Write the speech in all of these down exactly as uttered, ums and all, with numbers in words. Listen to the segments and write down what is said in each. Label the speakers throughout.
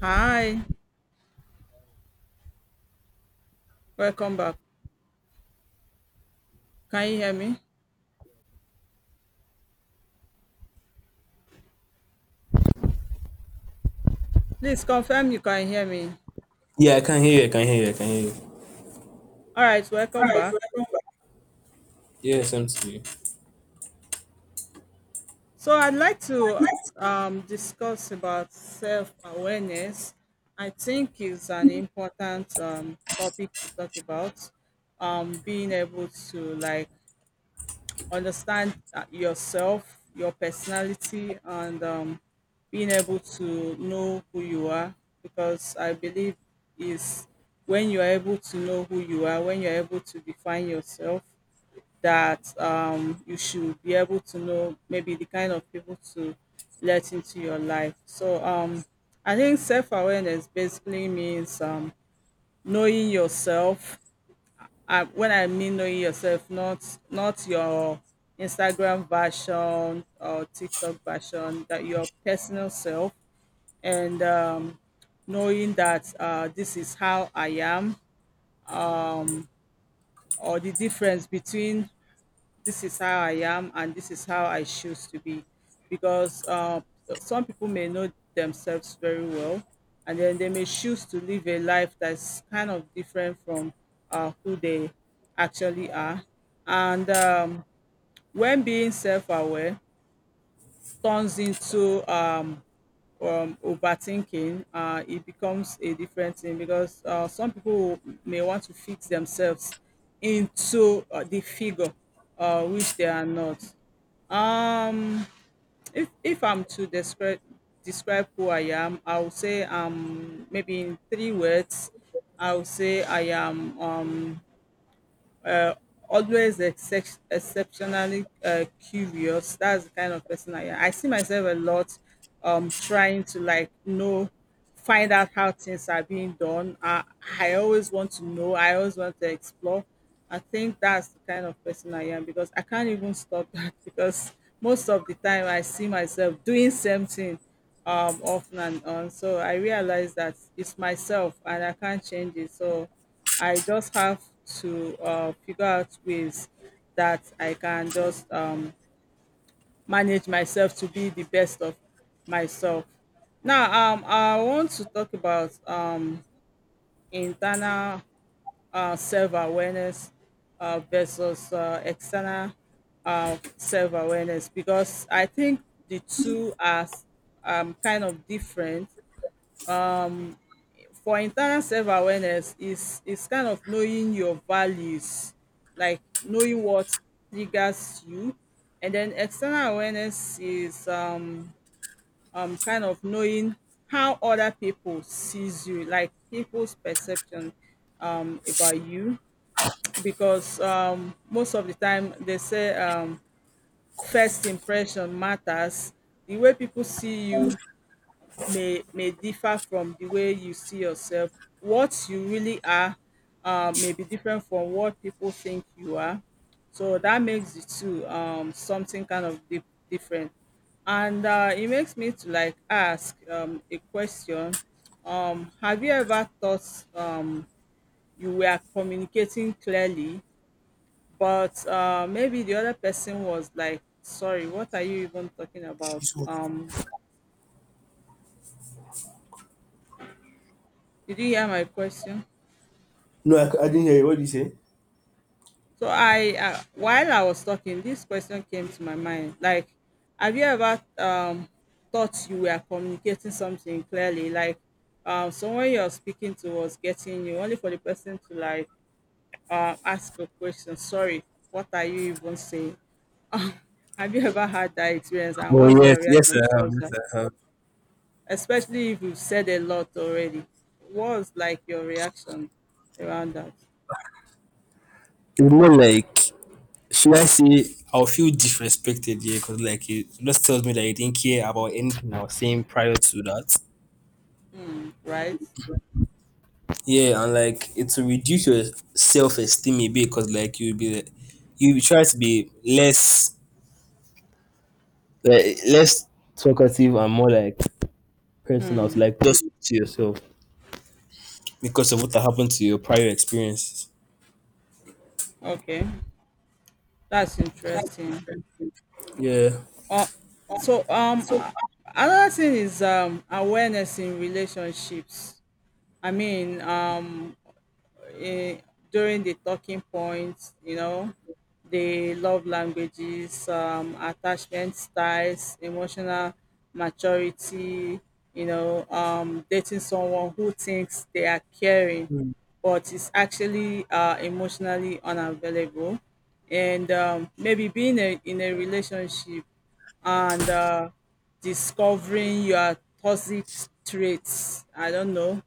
Speaker 1: Hi, welcome back. Can you hear me? Please confirm you can hear me.
Speaker 2: Yeah, I can hear you. I can hear you. I can hear you.
Speaker 1: All right, welcome back.
Speaker 2: Yeah, same to you.
Speaker 1: So I'd like to um, discuss about self-awareness. I think it's an important um, topic to talk about. Um, being able to like understand uh, yourself, your personality, and um, being able to know who you are. Because I believe is when you are able to know who you are, when you are able to define yourself, that um, you should be able to know maybe the kind of people to let into your life. So um, I think self awareness basically means um, knowing yourself. Uh, when I mean knowing yourself, not not your Instagram version or TikTok version, that your personal self, and um, knowing that uh, this is how I am, or the difference between this is how I am and this is how I choose to be, because uh, some people may know themselves very well, and then they may choose to live a life that's kind of different from uh, who they actually are. And um, When being self-aware turns into um, um, overthinking, uh, it becomes a different thing because uh, some people will- may want to fix themselves into uh, the figure uh, which they are not. Um, if if I'm to describe describe who I am, I would say um maybe in three words, I would say I am uh, always except, exceptionally uh, curious. That's the kind of person I am. I see myself a lot um, trying to like know, find out how things are being done. I, I always want to know. I always want to explore. I think that's the kind of person I am because I can't even stop that because most of the time I see myself doing something um, off and on. So I realize that it's myself and I can't change it. So I just have to uh, figure out ways that I can just um, manage myself to be the best of myself. Now, um, I want to talk about um, internal uh, self awareness uh, versus uh, external uh, self awareness because I think the two are um, kind of different. For internal self awareness is is kind of knowing your values, like knowing what triggers you. And then external awareness is um um kind of knowing how other people sees you, like people's perception um about you. Because um most of the time they say um first impression matters. The way people see you may may differ from the way you see yourself. What you really are uh, may be different from what people think you are. So that makes the two um, something kind of di- different. And uh, it makes me to like ask um, a question. Um, have you ever thought um, you were communicating clearly, but uh, maybe the other person was like, sorry, what are you even talking about?
Speaker 2: She's what?
Speaker 1: Um, did you hear my question?
Speaker 2: No, I c- I didn't hear you. What did you say?
Speaker 1: So I, uh, while I was talking, this question came to my mind. Like, have you ever um, thought you were communicating something clearly? Like, um, someone you're speaking to was getting you, only for the person to like uh, ask a question. Sorry, what are you even saying? Have you ever had that experience? And
Speaker 2: Oh
Speaker 1: what's your
Speaker 2: yes, yes
Speaker 1: reaction
Speaker 2: I have,
Speaker 1: towards
Speaker 2: yes
Speaker 1: that?
Speaker 2: I have.
Speaker 1: Especially if you've said a lot already. What's like your reaction around that?
Speaker 2: It's more like, should I say, I'll feel disrespected. Yeah, because like it just tells me that you didn't care about anything I was saying prior to that.
Speaker 1: Hmm, right?
Speaker 2: Yeah, and like it will reduce your self esteem a bit, because like you'll be, you will try to be less like, less talkative and more like personal, to like just to yourself, because of what happened to your prior experiences.
Speaker 1: Okay, that's interesting.
Speaker 2: Yeah.
Speaker 1: Uh, so um uh, another thing is um awareness in relationships. I mean um eh, during the talking points, you know, the love languages, um, attachment styles, emotional maturity, you know, um, dating someone who thinks they are caring but is actually uh, emotionally unavailable and um, maybe being a, in a relationship and uh, discovering your toxic traits. I don't know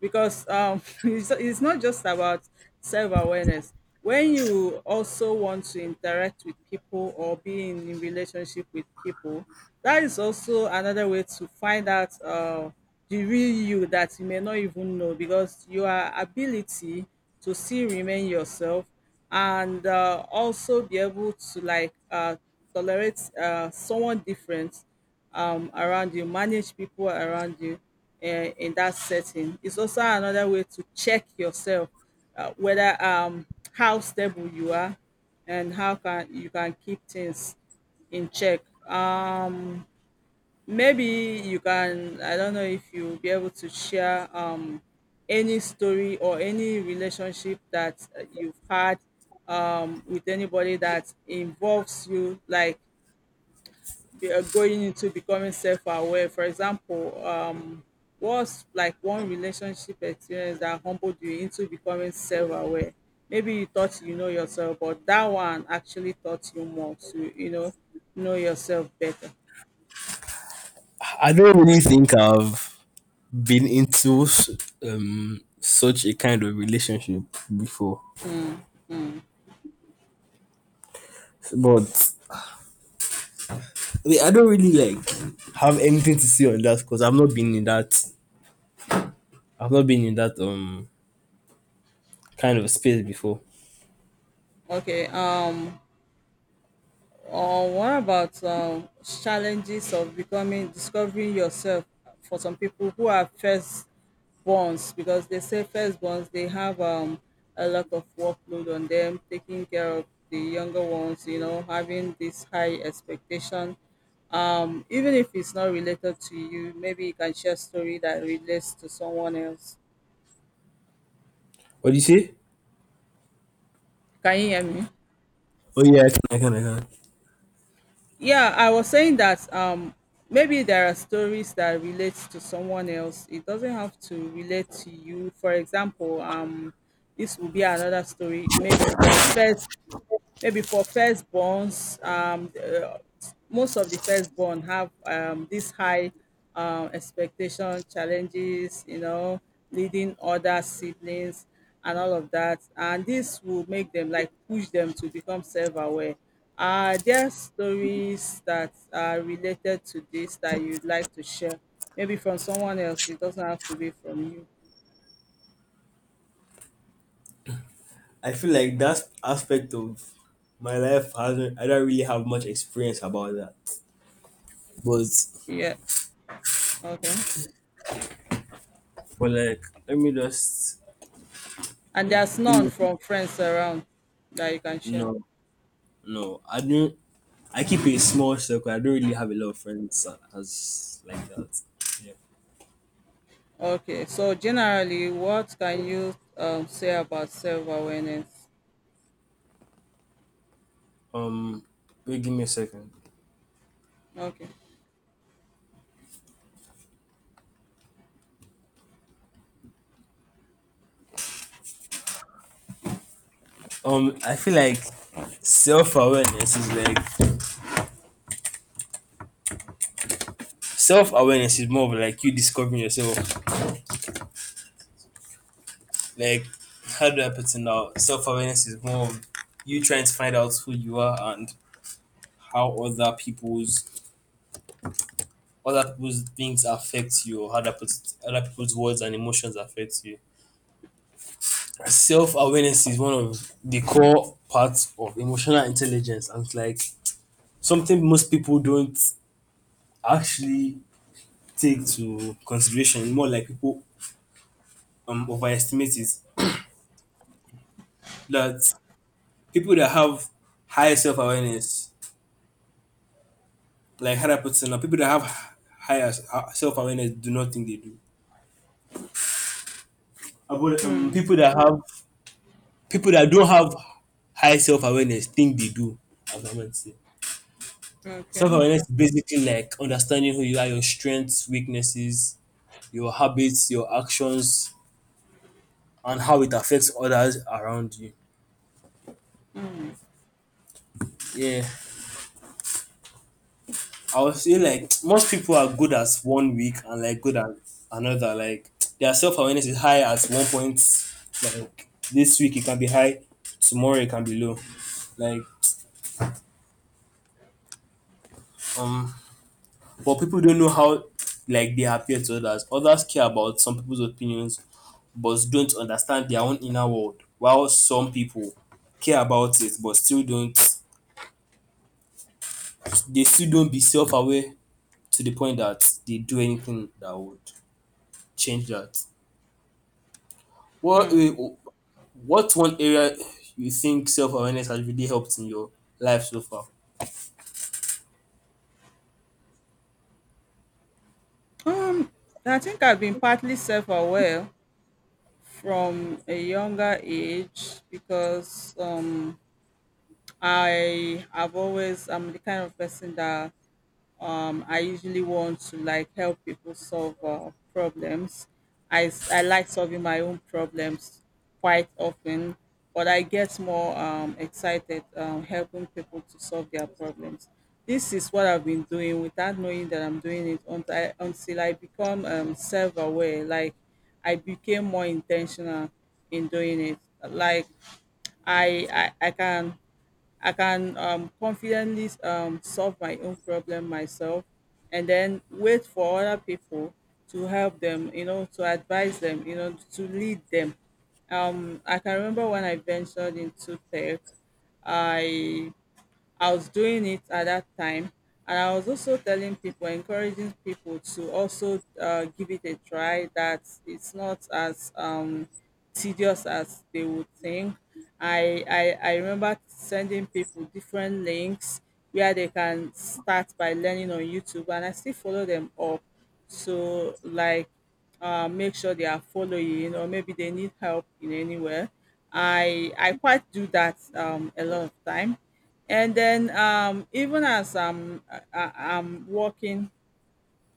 Speaker 1: because um, it's, it's not just about self-awareness when you also want to interact with people or be in, in relationship with people. That is also another way to find out uh, the real you that you may not even know because your ability to still remain yourself and uh, also be able to like uh, tolerate uh, someone different um, around you, manage people around you uh, in that setting. It's also another way to check yourself uh, whether um, how stable you are and how can you can keep things in check. Um, maybe you can. I don't know if you'll be able to share um, any story or any relationship that uh, you've had um, with anybody that involves you, like be are going into becoming self-aware. For example, um, what's like one relationship experience that humbled you into becoming self-aware? Maybe you thought you know yourself, but that one actually taught you more to, you know, know yourself better.
Speaker 2: I don't really think I've been into s- um such a kind of relationship before, but I mean, I don't really like have anything to say on that because I've not been in that. I've not been in that um kind of space before.
Speaker 1: Okay. Um, Or what about um, challenges of becoming discovering yourself for some people who are firstborns, because they say firstborns, they have um, a lot of workload on them, taking care of the younger ones, you know, having this high expectation. Um, even if it's not related to you, maybe you can share a story that relates to someone else.
Speaker 2: What do you say?
Speaker 1: Can you hear me?
Speaker 2: Oh yeah, I can, I can, I can.
Speaker 1: Yeah, I was saying that um maybe there are stories that relate to someone else. It doesn't have to relate to you. For example, um this will be another story, maybe for a first maybe for firstborns. Um, uh, most of the firstborn have um, this high um, expectation challenges, you know, leading other siblings and all of that. And this will make them like push them to become self aware. Are there stories that are related to this that you'd like to share? Maybe from someone else, it doesn't have to be from you.
Speaker 2: I feel like that aspect of my life hasn't. I don't really have much experience about that. But
Speaker 1: Yeah, okay.
Speaker 2: but like, let me just
Speaker 1: And
Speaker 2: eh,
Speaker 1: there's
Speaker 2: give
Speaker 1: none
Speaker 2: me
Speaker 1: from friends around that you can share.
Speaker 2: no, no. I don't, I keep a small circle. I don't really have a lot of friends uh, as like that. Yeah.
Speaker 1: Okay, so generally, what can you um, say about self-awareness?
Speaker 2: Um, Wait, give me a second.
Speaker 1: Okay,
Speaker 2: Um, I feel like self awareness is like, self awareness is more of like you discovering yourself. Like, how do I put it now? Self awareness is more of you trying to find out who you are, and how other people's other people's things affect you, or how other people's, other people's words and emotions affect you. Self-awareness is one of the core parts of emotional intelligence, and it's like something most people don't actually take to consideration. More like people um overestimate it. That people that have high self-awareness, like higher do I people that have higher s- uh, self-awareness do not think they do. About um, people that have people that don't have high self-awareness think they do. As I might say,
Speaker 1: okay.
Speaker 2: self-awareness is basically like understanding who you are, your strengths, weaknesses, your habits, your actions, and how it affects others around you. Yeah, I would say like most people are good at one week and like good at another. Like their self awareness is high at one point. Like this week it can be high, tomorrow it can be low. Like um, but people don't know how like they appear to others. Others care about some people's opinions, but don't understand their own inner world. While some people care about it, but still don't. They still don't be self aware to the point that they do anything that would change that. What eh, what one area you think self awareness has really helped in your life so far?
Speaker 1: Um, I think I've been partly self-aware from a younger age because um, I have always I'm the kind of person that um, I usually want to like help people solve uh, problems. I, s- I like solving my own problems quite often, but I get more um, excited um, helping people to solve their problems. This is what I've been doing without knowing that I'm doing it until I, until I become um, self aware. Like I became more intentional in doing it. Like I, I, I can I can um, confidently um, solve my own problem myself and then wait for other people to help them, you know, to advise them, you know, to lead them. Um, I can remember when I ventured into tech, I I was doing it at that time. And I was also telling people, encouraging people to also uh, give it a try, that it's not as um, tedious as they would think. I, I, I remember sending people different links where they can start by learning on YouTube, and I still follow them up. So, like, uh, make sure they are following or maybe they need help in anywhere. I i quite do that um, a lot of time, and then um, even as I'm, I, I- I'm working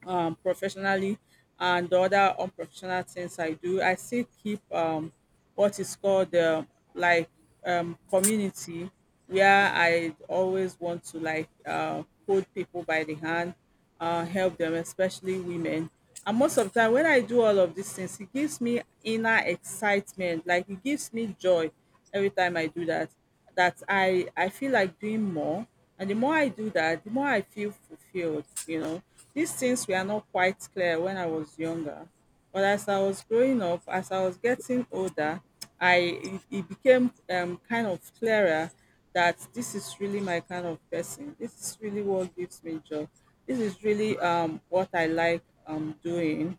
Speaker 1: um, professionally and the other unprofessional things I do, I still keep um, what is called uh, like um, community, where I always want to like uh, hold people by the hand, uh, help them, especially women. And most of the time, when I do all of these things, it gives me inner excitement. Like it gives me joy every time I do that. That I I feel like doing more, and the more I do that, the more I feel fulfilled, you know. These things were not quite clear when I was younger, but as I was growing up, as I was getting older, I it, it became um, kind of clearer that this is really my kind of person. This is really what gives me joy. This is really um, what I like um, doing.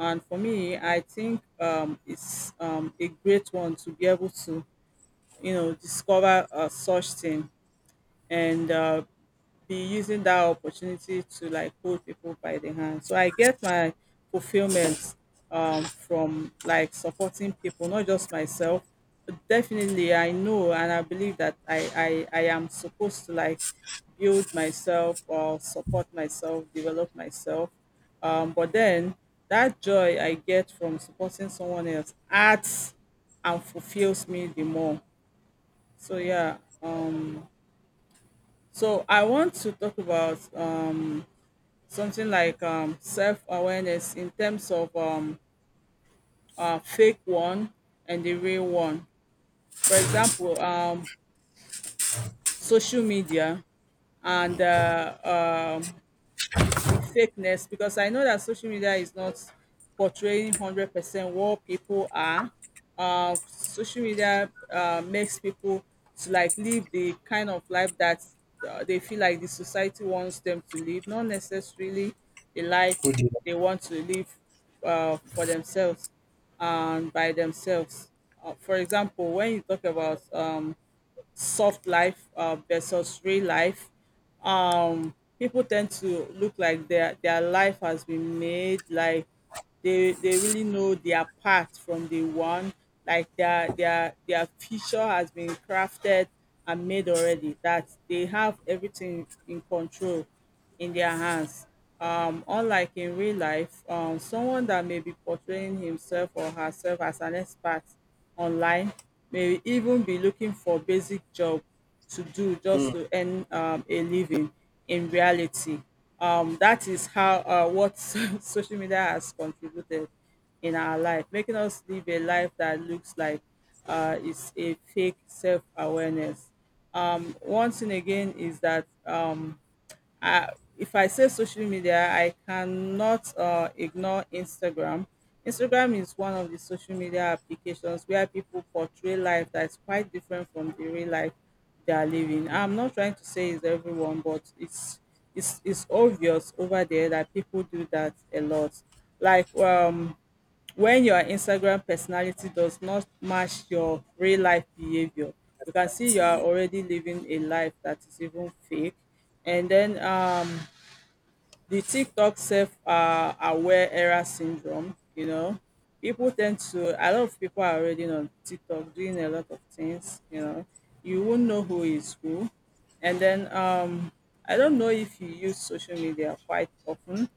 Speaker 1: And for me, I think um, it's um, a great one to be able to, you know, discover uh, such thing and uh, be using that opportunity to like hold people by the hand. So I get my fulfillment um, from like supporting people, not just myself. But definitely, I know and I believe that I, I, I am supposed to like build myself or support myself, develop myself. Um, but then that joy I get from supporting someone else adds and fulfills me the more. So yeah, um, so I want to talk about um, something like um, self awareness in terms of um, uh, fake one and the real one. For example, um, social media and uh, um, the fakeness, because I know that social media is not portraying one hundred percent what people are. Uh, social media uh, makes people to like live the kind of life that uh, they feel like the society wants them to live, not necessarily the life
Speaker 2: Oh dear.
Speaker 1: they want to live uh, for themselves and by themselves. Uh, for example, when you talk about um, soft life uh, versus real life. Um, people tend to look like their their life has been made like they they really know their part from the one like their their their future has been crafted and made already, that they have everything in control in their hands, um, unlike in real life. Um someone that may be portraying himself or herself as an expert online may even be looking for basic job to do
Speaker 2: Hmm.
Speaker 1: just to earn um, a living in reality. Um, that is how uh, what social media has contributed in our life, making us live a life that looks like uh, it's a fake self awareness. Um, one thing again is that, um, uh, if I say social media, I cannot uh, ignore Instagram. Instagram is one of the social media applications where people portray life that's quite different from the real life they are living. I'm not trying to say it's everyone, but it's it's it's obvious over there that people do that a lot. Like um when your Instagram personality does not match your real life behavior, you can see you are
Speaker 2: See,
Speaker 1: already living a life that is even fake. And then um the TikTok self uh, aware error syndrome, you know, people tend to, a lot of people are already on TikTok doing a lot of things, you know, you won't know who is who. And then um, I don't know if you use social media quite often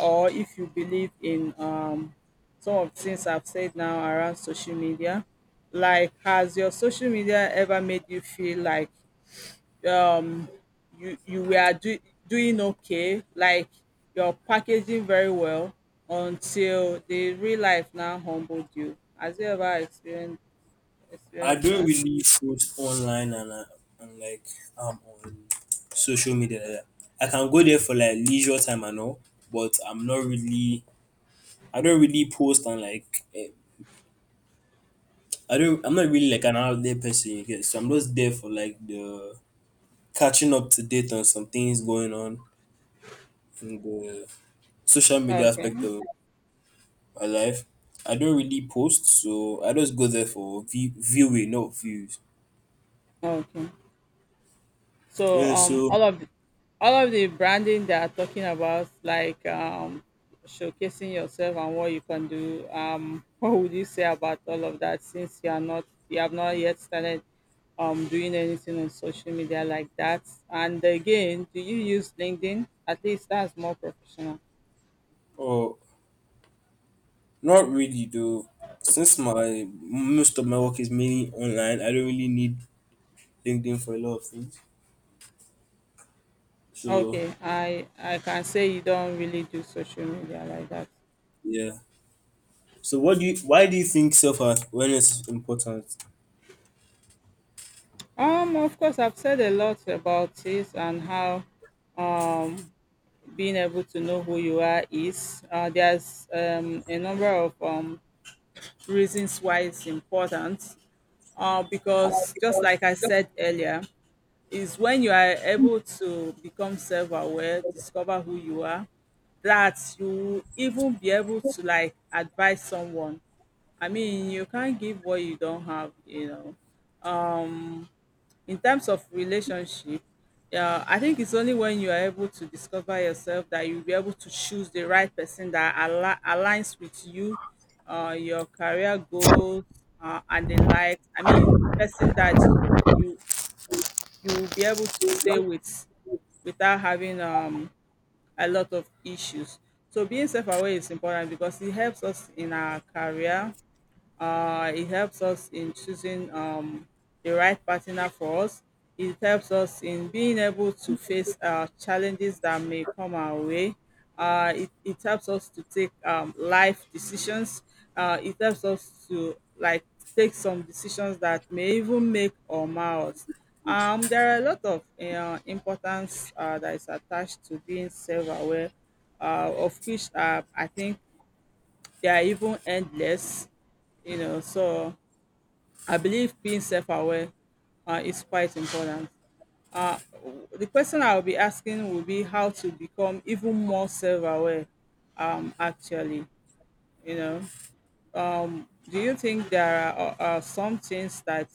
Speaker 1: or if you believe in um, some of the things I've said now around social media. Like, has your social media ever made you feel like um you you were do, doing okay, like you're packaging very well until the real life now humbled you? Has you ever experienced
Speaker 2: I
Speaker 1: experienced
Speaker 2: don't
Speaker 1: that?
Speaker 2: really post online, and I, and like um, on social media, like that. I can go there for like leisure time and all, but I'm not really. I don't really post and like. eh, I don't. I'm not really like an out there person. You get, so I'm just there for like the catching up to date on some things going on in the social media
Speaker 1: Okay.
Speaker 2: aspect of my life. I don't really post, so I just go there for view- viewing, not views.
Speaker 1: Okay. So
Speaker 2: Yeah,
Speaker 1: um,
Speaker 2: so
Speaker 1: all of the, all of the branding they are talking about, like, um, showcasing yourself and what you can do. Um, what would you say about all of that, since you are not you have not yet started um doing anything on social media like that? And again, do you use LinkedIn? At least that's more professional.
Speaker 2: oh, not really though. Since my most of my work is mainly online, I don't really need LinkedIn for a lot of things. So
Speaker 1: Okay, I I can say you don't really do social media like that.
Speaker 2: yeah. So what do you? Why do you think self awareness is important?
Speaker 1: Um, of course, I've said a lot about this, and how being able to know who you are is. Uh, there's um, a number of um, reasons why it's important. Uh, because just like I said earlier, is when you are able to become self-aware, discover who you are, that you will even be able to like advise someone. I mean, you can't give what you don't have, you know. In terms of relationship, yeah, I think it's only when you are able to discover yourself that you'll be able to choose the right person that al- aligns with you, uh, your career goals, uh, and the like. I mean, person that you you will be able to stay with without having um a lot of issues. So being self-aware is important because it helps us in our career, uh, it helps us in choosing um, the right partner for us. It helps us in being able to face uh, challenges that may come our way. Uh, it, it helps us to take um, life decisions. Uh, it helps us to like take some decisions that may even make or mar us. Um, there are a lot of uh, importance uh, that is attached to being self-aware, uh, of which uh, I think they are even endless, you know. So I believe being self-aware uh, is quite important. Uh, the question I'll be asking will be how to become even more self-aware. Um, actually, you know, um, do you think there are, are some things that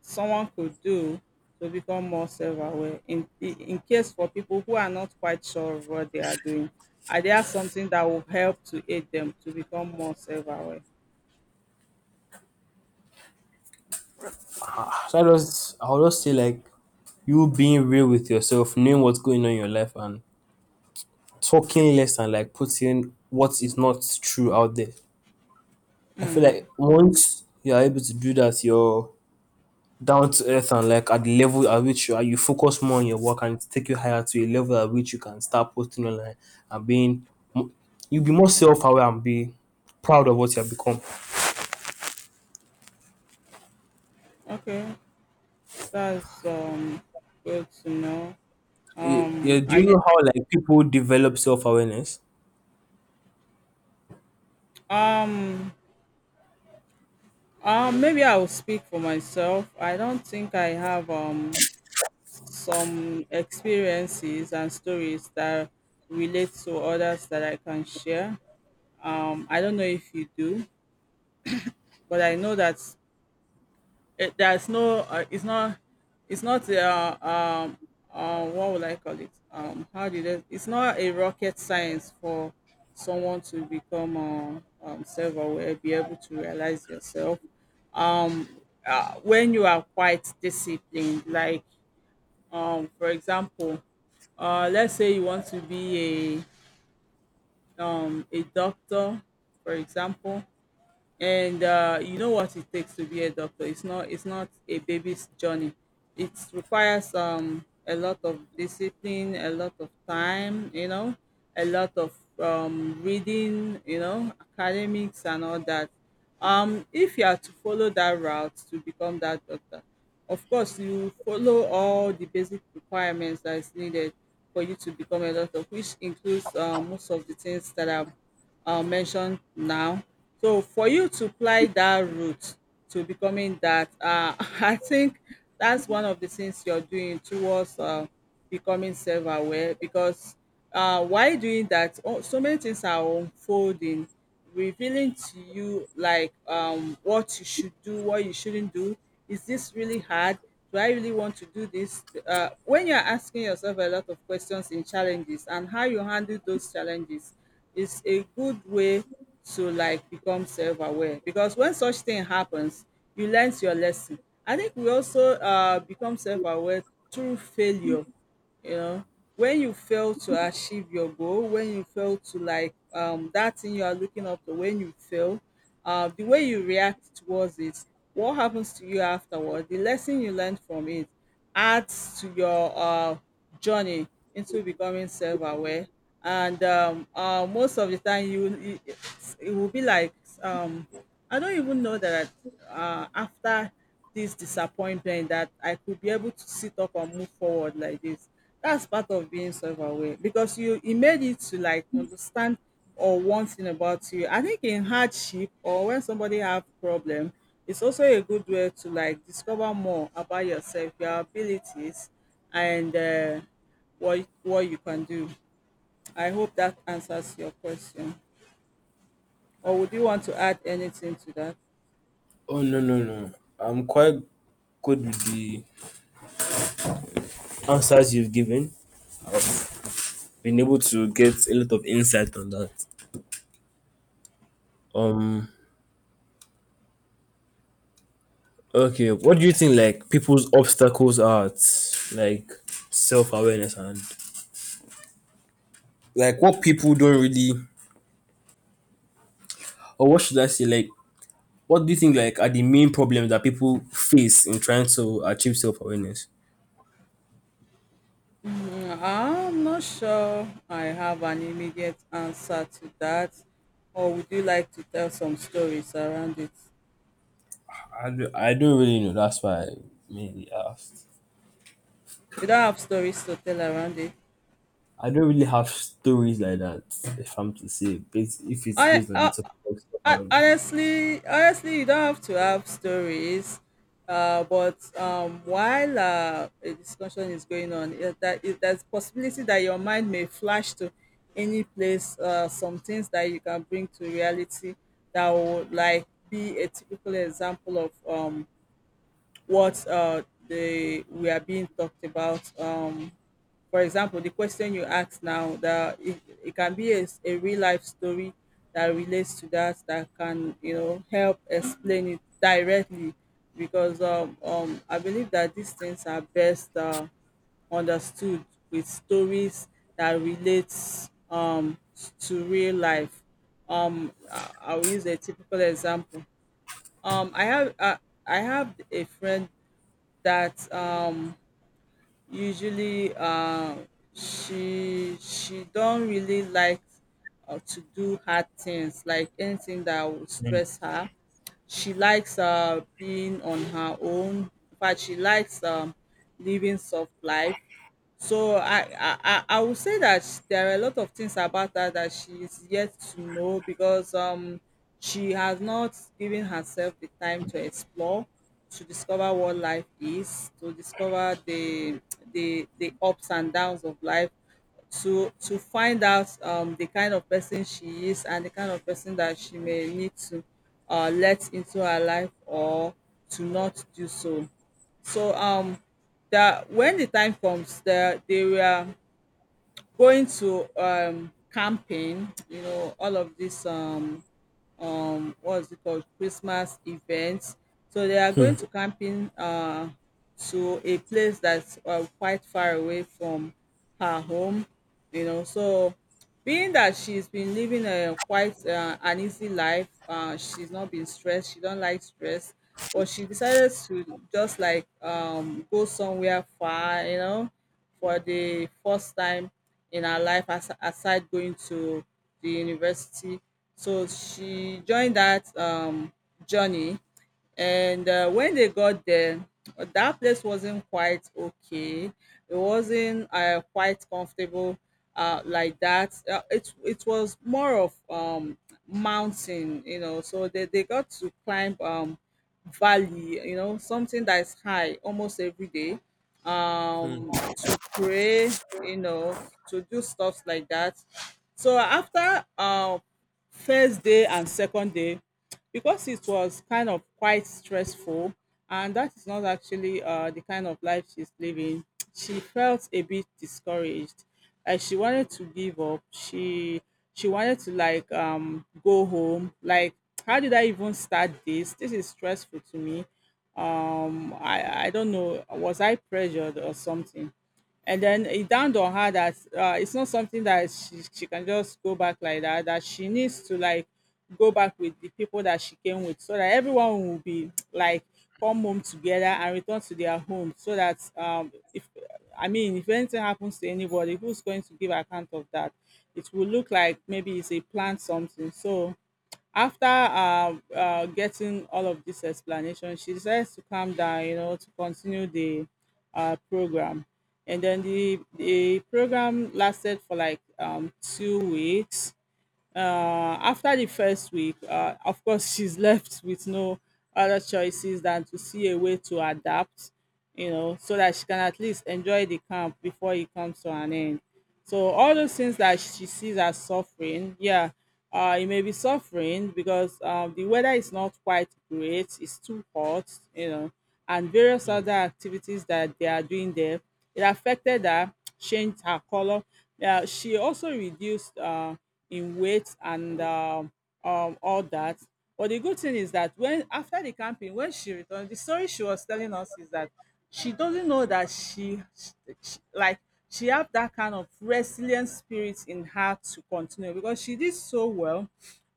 Speaker 1: someone could do to become more self-aware, in in case for people who are not quite sure of what they are doing? Are there something that will help to aid them to become more self-aware?
Speaker 2: So I just I'll just say like you being real with yourself, knowing what's going on in your life, and talking less and like putting what is not true out there. I feel like once you are able to do that, you're down to earth and like at the level at which you are, you focus more on your work, and it take you higher to a level at which you can start posting online and being mo- you'll be more self aware and be proud of what you have become.
Speaker 1: Okay, That's um good to know.
Speaker 2: Yeah,
Speaker 1: Um,
Speaker 2: yeah, do
Speaker 1: I
Speaker 2: you
Speaker 1: did.
Speaker 2: know how like people develop self awareness?
Speaker 1: Um, um, maybe I'll speak for myself. I don't think I have um some experiences and stories that relate to others that I can share. Um, I don't know if you do, but I know that, Eh, there's no uh, it's not it's not uh, um uh, what would I call it? Um, how did it? It's not a rocket science for someone to become uh, um, self-aware, be able to realize yourself uh, when you are quite disciplined. Like, um, for example, uh, let's say you want to be a um, a doctor, for example, and uh, you know what it takes to be a doctor. It's not it's not a baby's journey. It requires um a lot of discipline, a lot of time, you know, a lot of um reading, you know, academics and all that. Um if you are to follow that route to become that doctor, of course, you follow all the basic requirements that is needed for you to become a doctor, which includes uh, most of the things that I've uh, mentioned now. So, for you to apply that route to becoming that, uh, I think that's one of the things you're doing towards uh, becoming self aware, because uh, while doing that, oh, so many things are unfolding, revealing to you like um what you should do, what you shouldn't do. Is this really hard? Do I really want to do this? Uh, when you're asking yourself a lot of questions in challenges, and how you handle those challenges is a good way to like become self-aware, because when such thing happens, you learn your lesson. I think we also uh, become self-aware through failure, you know. When you fail to achieve your goal, when you fail to like um that thing you are looking up to, when you fail, uh the way you react towards it, what happens to you afterward, the lesson you learned from it adds to your uh journey into becoming self-aware. And um uh, most of the time you, you it will be like, um I don't even know that uh, after this disappointment that I could be able to sit up and move forward like this. That's part of being self-aware, because you it made it to like understand or one thing about you. I think in hardship, or when somebody have problem, it's also a good way to like discover more about yourself, your abilities, and uh, what what you can do. I hope that answers your question. Or would you want to add anything to that?
Speaker 2: Oh no, no, no! I'm quite good with the answers you've given. Been able to get a lot of insight on that. Um, Okay, what do you think like people's obstacles are at, like self awareness, and like what people don't really, or what should I say, like what do you think like are the main problems that people face in trying to achieve self awareness?
Speaker 1: I'm not sure I have an immediate answer to that. Or would you like to tell some stories around it?
Speaker 2: I, do, I don't really know. That's why I mainly asked.
Speaker 1: You don't have stories to tell around it.
Speaker 2: I don't really have stories like that, if I'm to say based, if it's
Speaker 1: I,
Speaker 2: based on the
Speaker 1: I,
Speaker 2: topic of self
Speaker 1: I
Speaker 2: awareness.
Speaker 1: honestly, honestly, you don't have to have stories. Uh, but um, while uh, a discussion is going on, it, that it, there's possibility that your mind may flash to any place. Uh, some things that you can bring to reality that would like be a typical example of um what uh, they we are being talked about. Um, for example, the question you asked now, that it, it can be a a real life story that relates to that, that can, you know, help explain it directly, because um, um, I believe that these things are best uh, understood with stories that relates um, to real life. Um, I- I'll use a typical example. Um, I have uh, I have a friend that um usually, uh she she don't really like uh, to do hard things, like anything that would stress her. She likes uh, being on her own. In fact, she likes um, living soft life. So I I I I would say that sh there are a lot of things about her that she is yet to know, because um, she has not given herself the time to explore, to discover what life is, to discover the the the ups and downs of life, to to find out um, the kind of person she is, and the kind of person that she may need to uh, let into her life, or to not do so. So um, that when the time comes, that they were going to um, camping, you know, all of this um, um what's it called, Christmas events. So they are going to camping uh to a place that's uh, quite far away from her home, you know. So being that she's been living a quite uh, an easy life, uh, she's not been stressed. She don't like stress, but she decided to just like um go somewhere far, you know, for the first time in her life, as aside going to the university. So she joined that um, journey. And uh, When they got there, uh, that place wasn't quite okay. It wasn't uh, quite comfortable uh, like that. Uh, it, it was more of um, mountain, you know. So they, they got to climb um, valley, you know, something that is high almost every day
Speaker 2: Hmm,
Speaker 1: um to pray you know to do stuff like that. So after uh first day and second day, because it was kind of quite stressful and that is not actually uh the kind of life she's living, she felt a bit discouraged, like she wanted to give up. She she wanted to like um go home, like how did I even start this? This is stressful to me. Um i i don't know, was I pressured or something? And then it dawned on her that uh, it's not something that she, she can just go back like that, that she needs to like go back with the people that she came with, so that everyone will be like come home together and return to their home. So that um, if I mean, if anything happens to anybody, who's going to give account of that? It will look like maybe it's a planned something. So after uh, uh, getting all of this explanation, she decides to calm down, you know, to continue the uh, program. And then the, the program lasted for like um, two weeks. Uh, after the first week, uh, of course, she's left with no other choices than to see a way to adapt, you know, so that she can at least enjoy the camp before it comes to an end. So all those things that she sees as suffering, yeah, uh, it may be suffering because um, the weather is not quite great, it's too hot, you know, and various
Speaker 2: hmm.
Speaker 1: other activities that they are doing there. It affected her, changed her color. Yeah, she also reduced. Uh, in weight and um, um, all that. But the good thing is that when after the camping, when she returned, the story she was telling us is that she doesn't know that she, she like she have that kind of resilient spirit in her to continue, because she did so well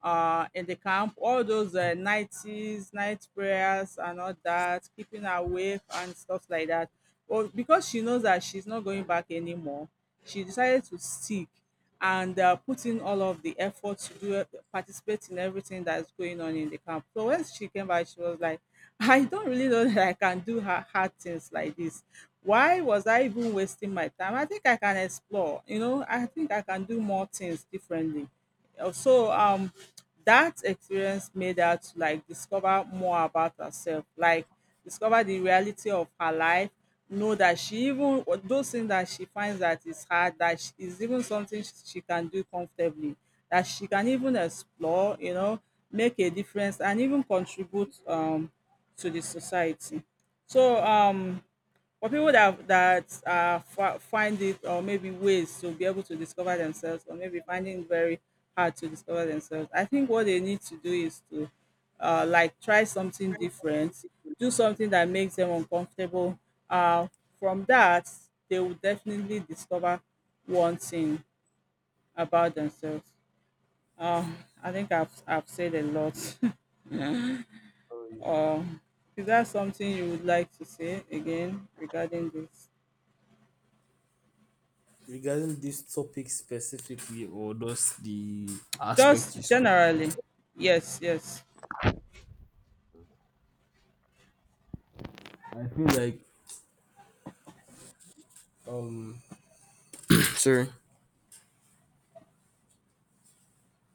Speaker 1: uh, in the camp. All those uh, nighties, night prayers, and all that, keeping awake and stuff like that. But because she knows that she's not going back anymore, she decided to stick and uh, put in all of the effort to do it- participate in everything that's going on in the camp. So when she came back, she was like, I don't really know that I can do hard, hard things like this. Why was I even wasting my time? I think I can explore, you know, I think I can do more things differently. Uh, So um that experience made her to like discover more about herself. Like discover the reality of her life, know that she, even those things that she finds that is hard, that sh- is even something sh- she can do comfortably, that she can even explore, you know, make a difference and even contribute um to the society. So um for people that that uh, fi- find it, or maybe ways to be able to discover themselves, or maybe finding it very hard to discover themselves, I think what they need to do is to uh, like try something different, do something that makes them uncomfortable. Uh, from that, they will definitely discover one thing about themselves. Um, I think I've I've said a lot.
Speaker 2: Oh yes.
Speaker 1: um, is that something you would like to say again regarding this?
Speaker 2: Regarding this topic specifically, or just the
Speaker 1: Just
Speaker 2: aspect you spoke.
Speaker 1: generally. Yes, yes.
Speaker 2: I feel like um sorry.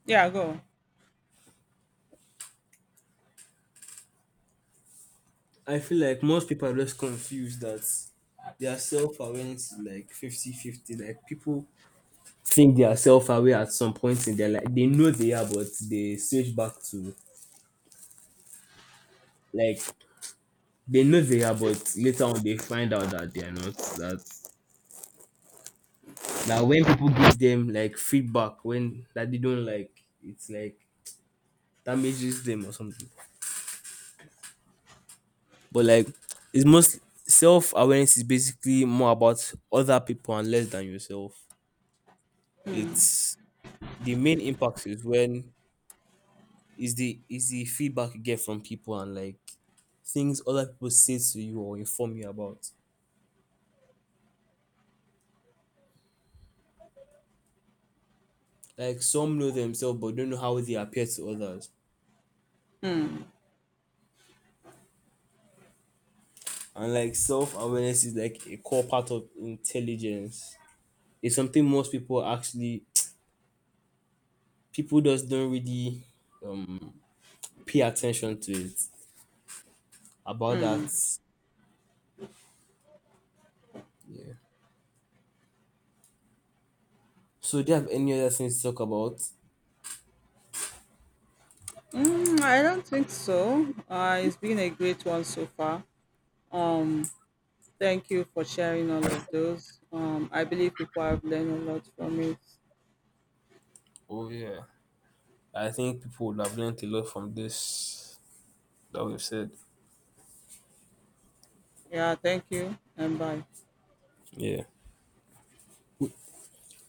Speaker 1: Yeah, go.
Speaker 2: I feel like most people are just confused, that their self awareness is like fifty-fifty. Like people think they are self aware at some point in their life. They know they are, but they switch back to like, they know they are, but later on they find out that they are not. That, that when people give them like feedback when that they don't like, it's like damages them or something. But like it's most, self awareness is basically more about other people and less than yourself. It's the main impact is when, is the, is the feedback you get from people, and like things other people say to you or inform you about. Like some know themselves but don't know how they appear to others. And like self awareness is like a core part of intelligence. It's something most people actually people just don't really um pay attention to it about that. Yeah. So, do you have any other things to talk about?
Speaker 1: Mm, I don't think so. Uh, it's been a great one so far. Um, Thank you for sharing all of those. Um, I believe people have learned a lot from it.
Speaker 2: Oh yeah, I think people would have learned a lot from this that we've said.
Speaker 1: Yeah, thank you and bye.
Speaker 2: Yeah.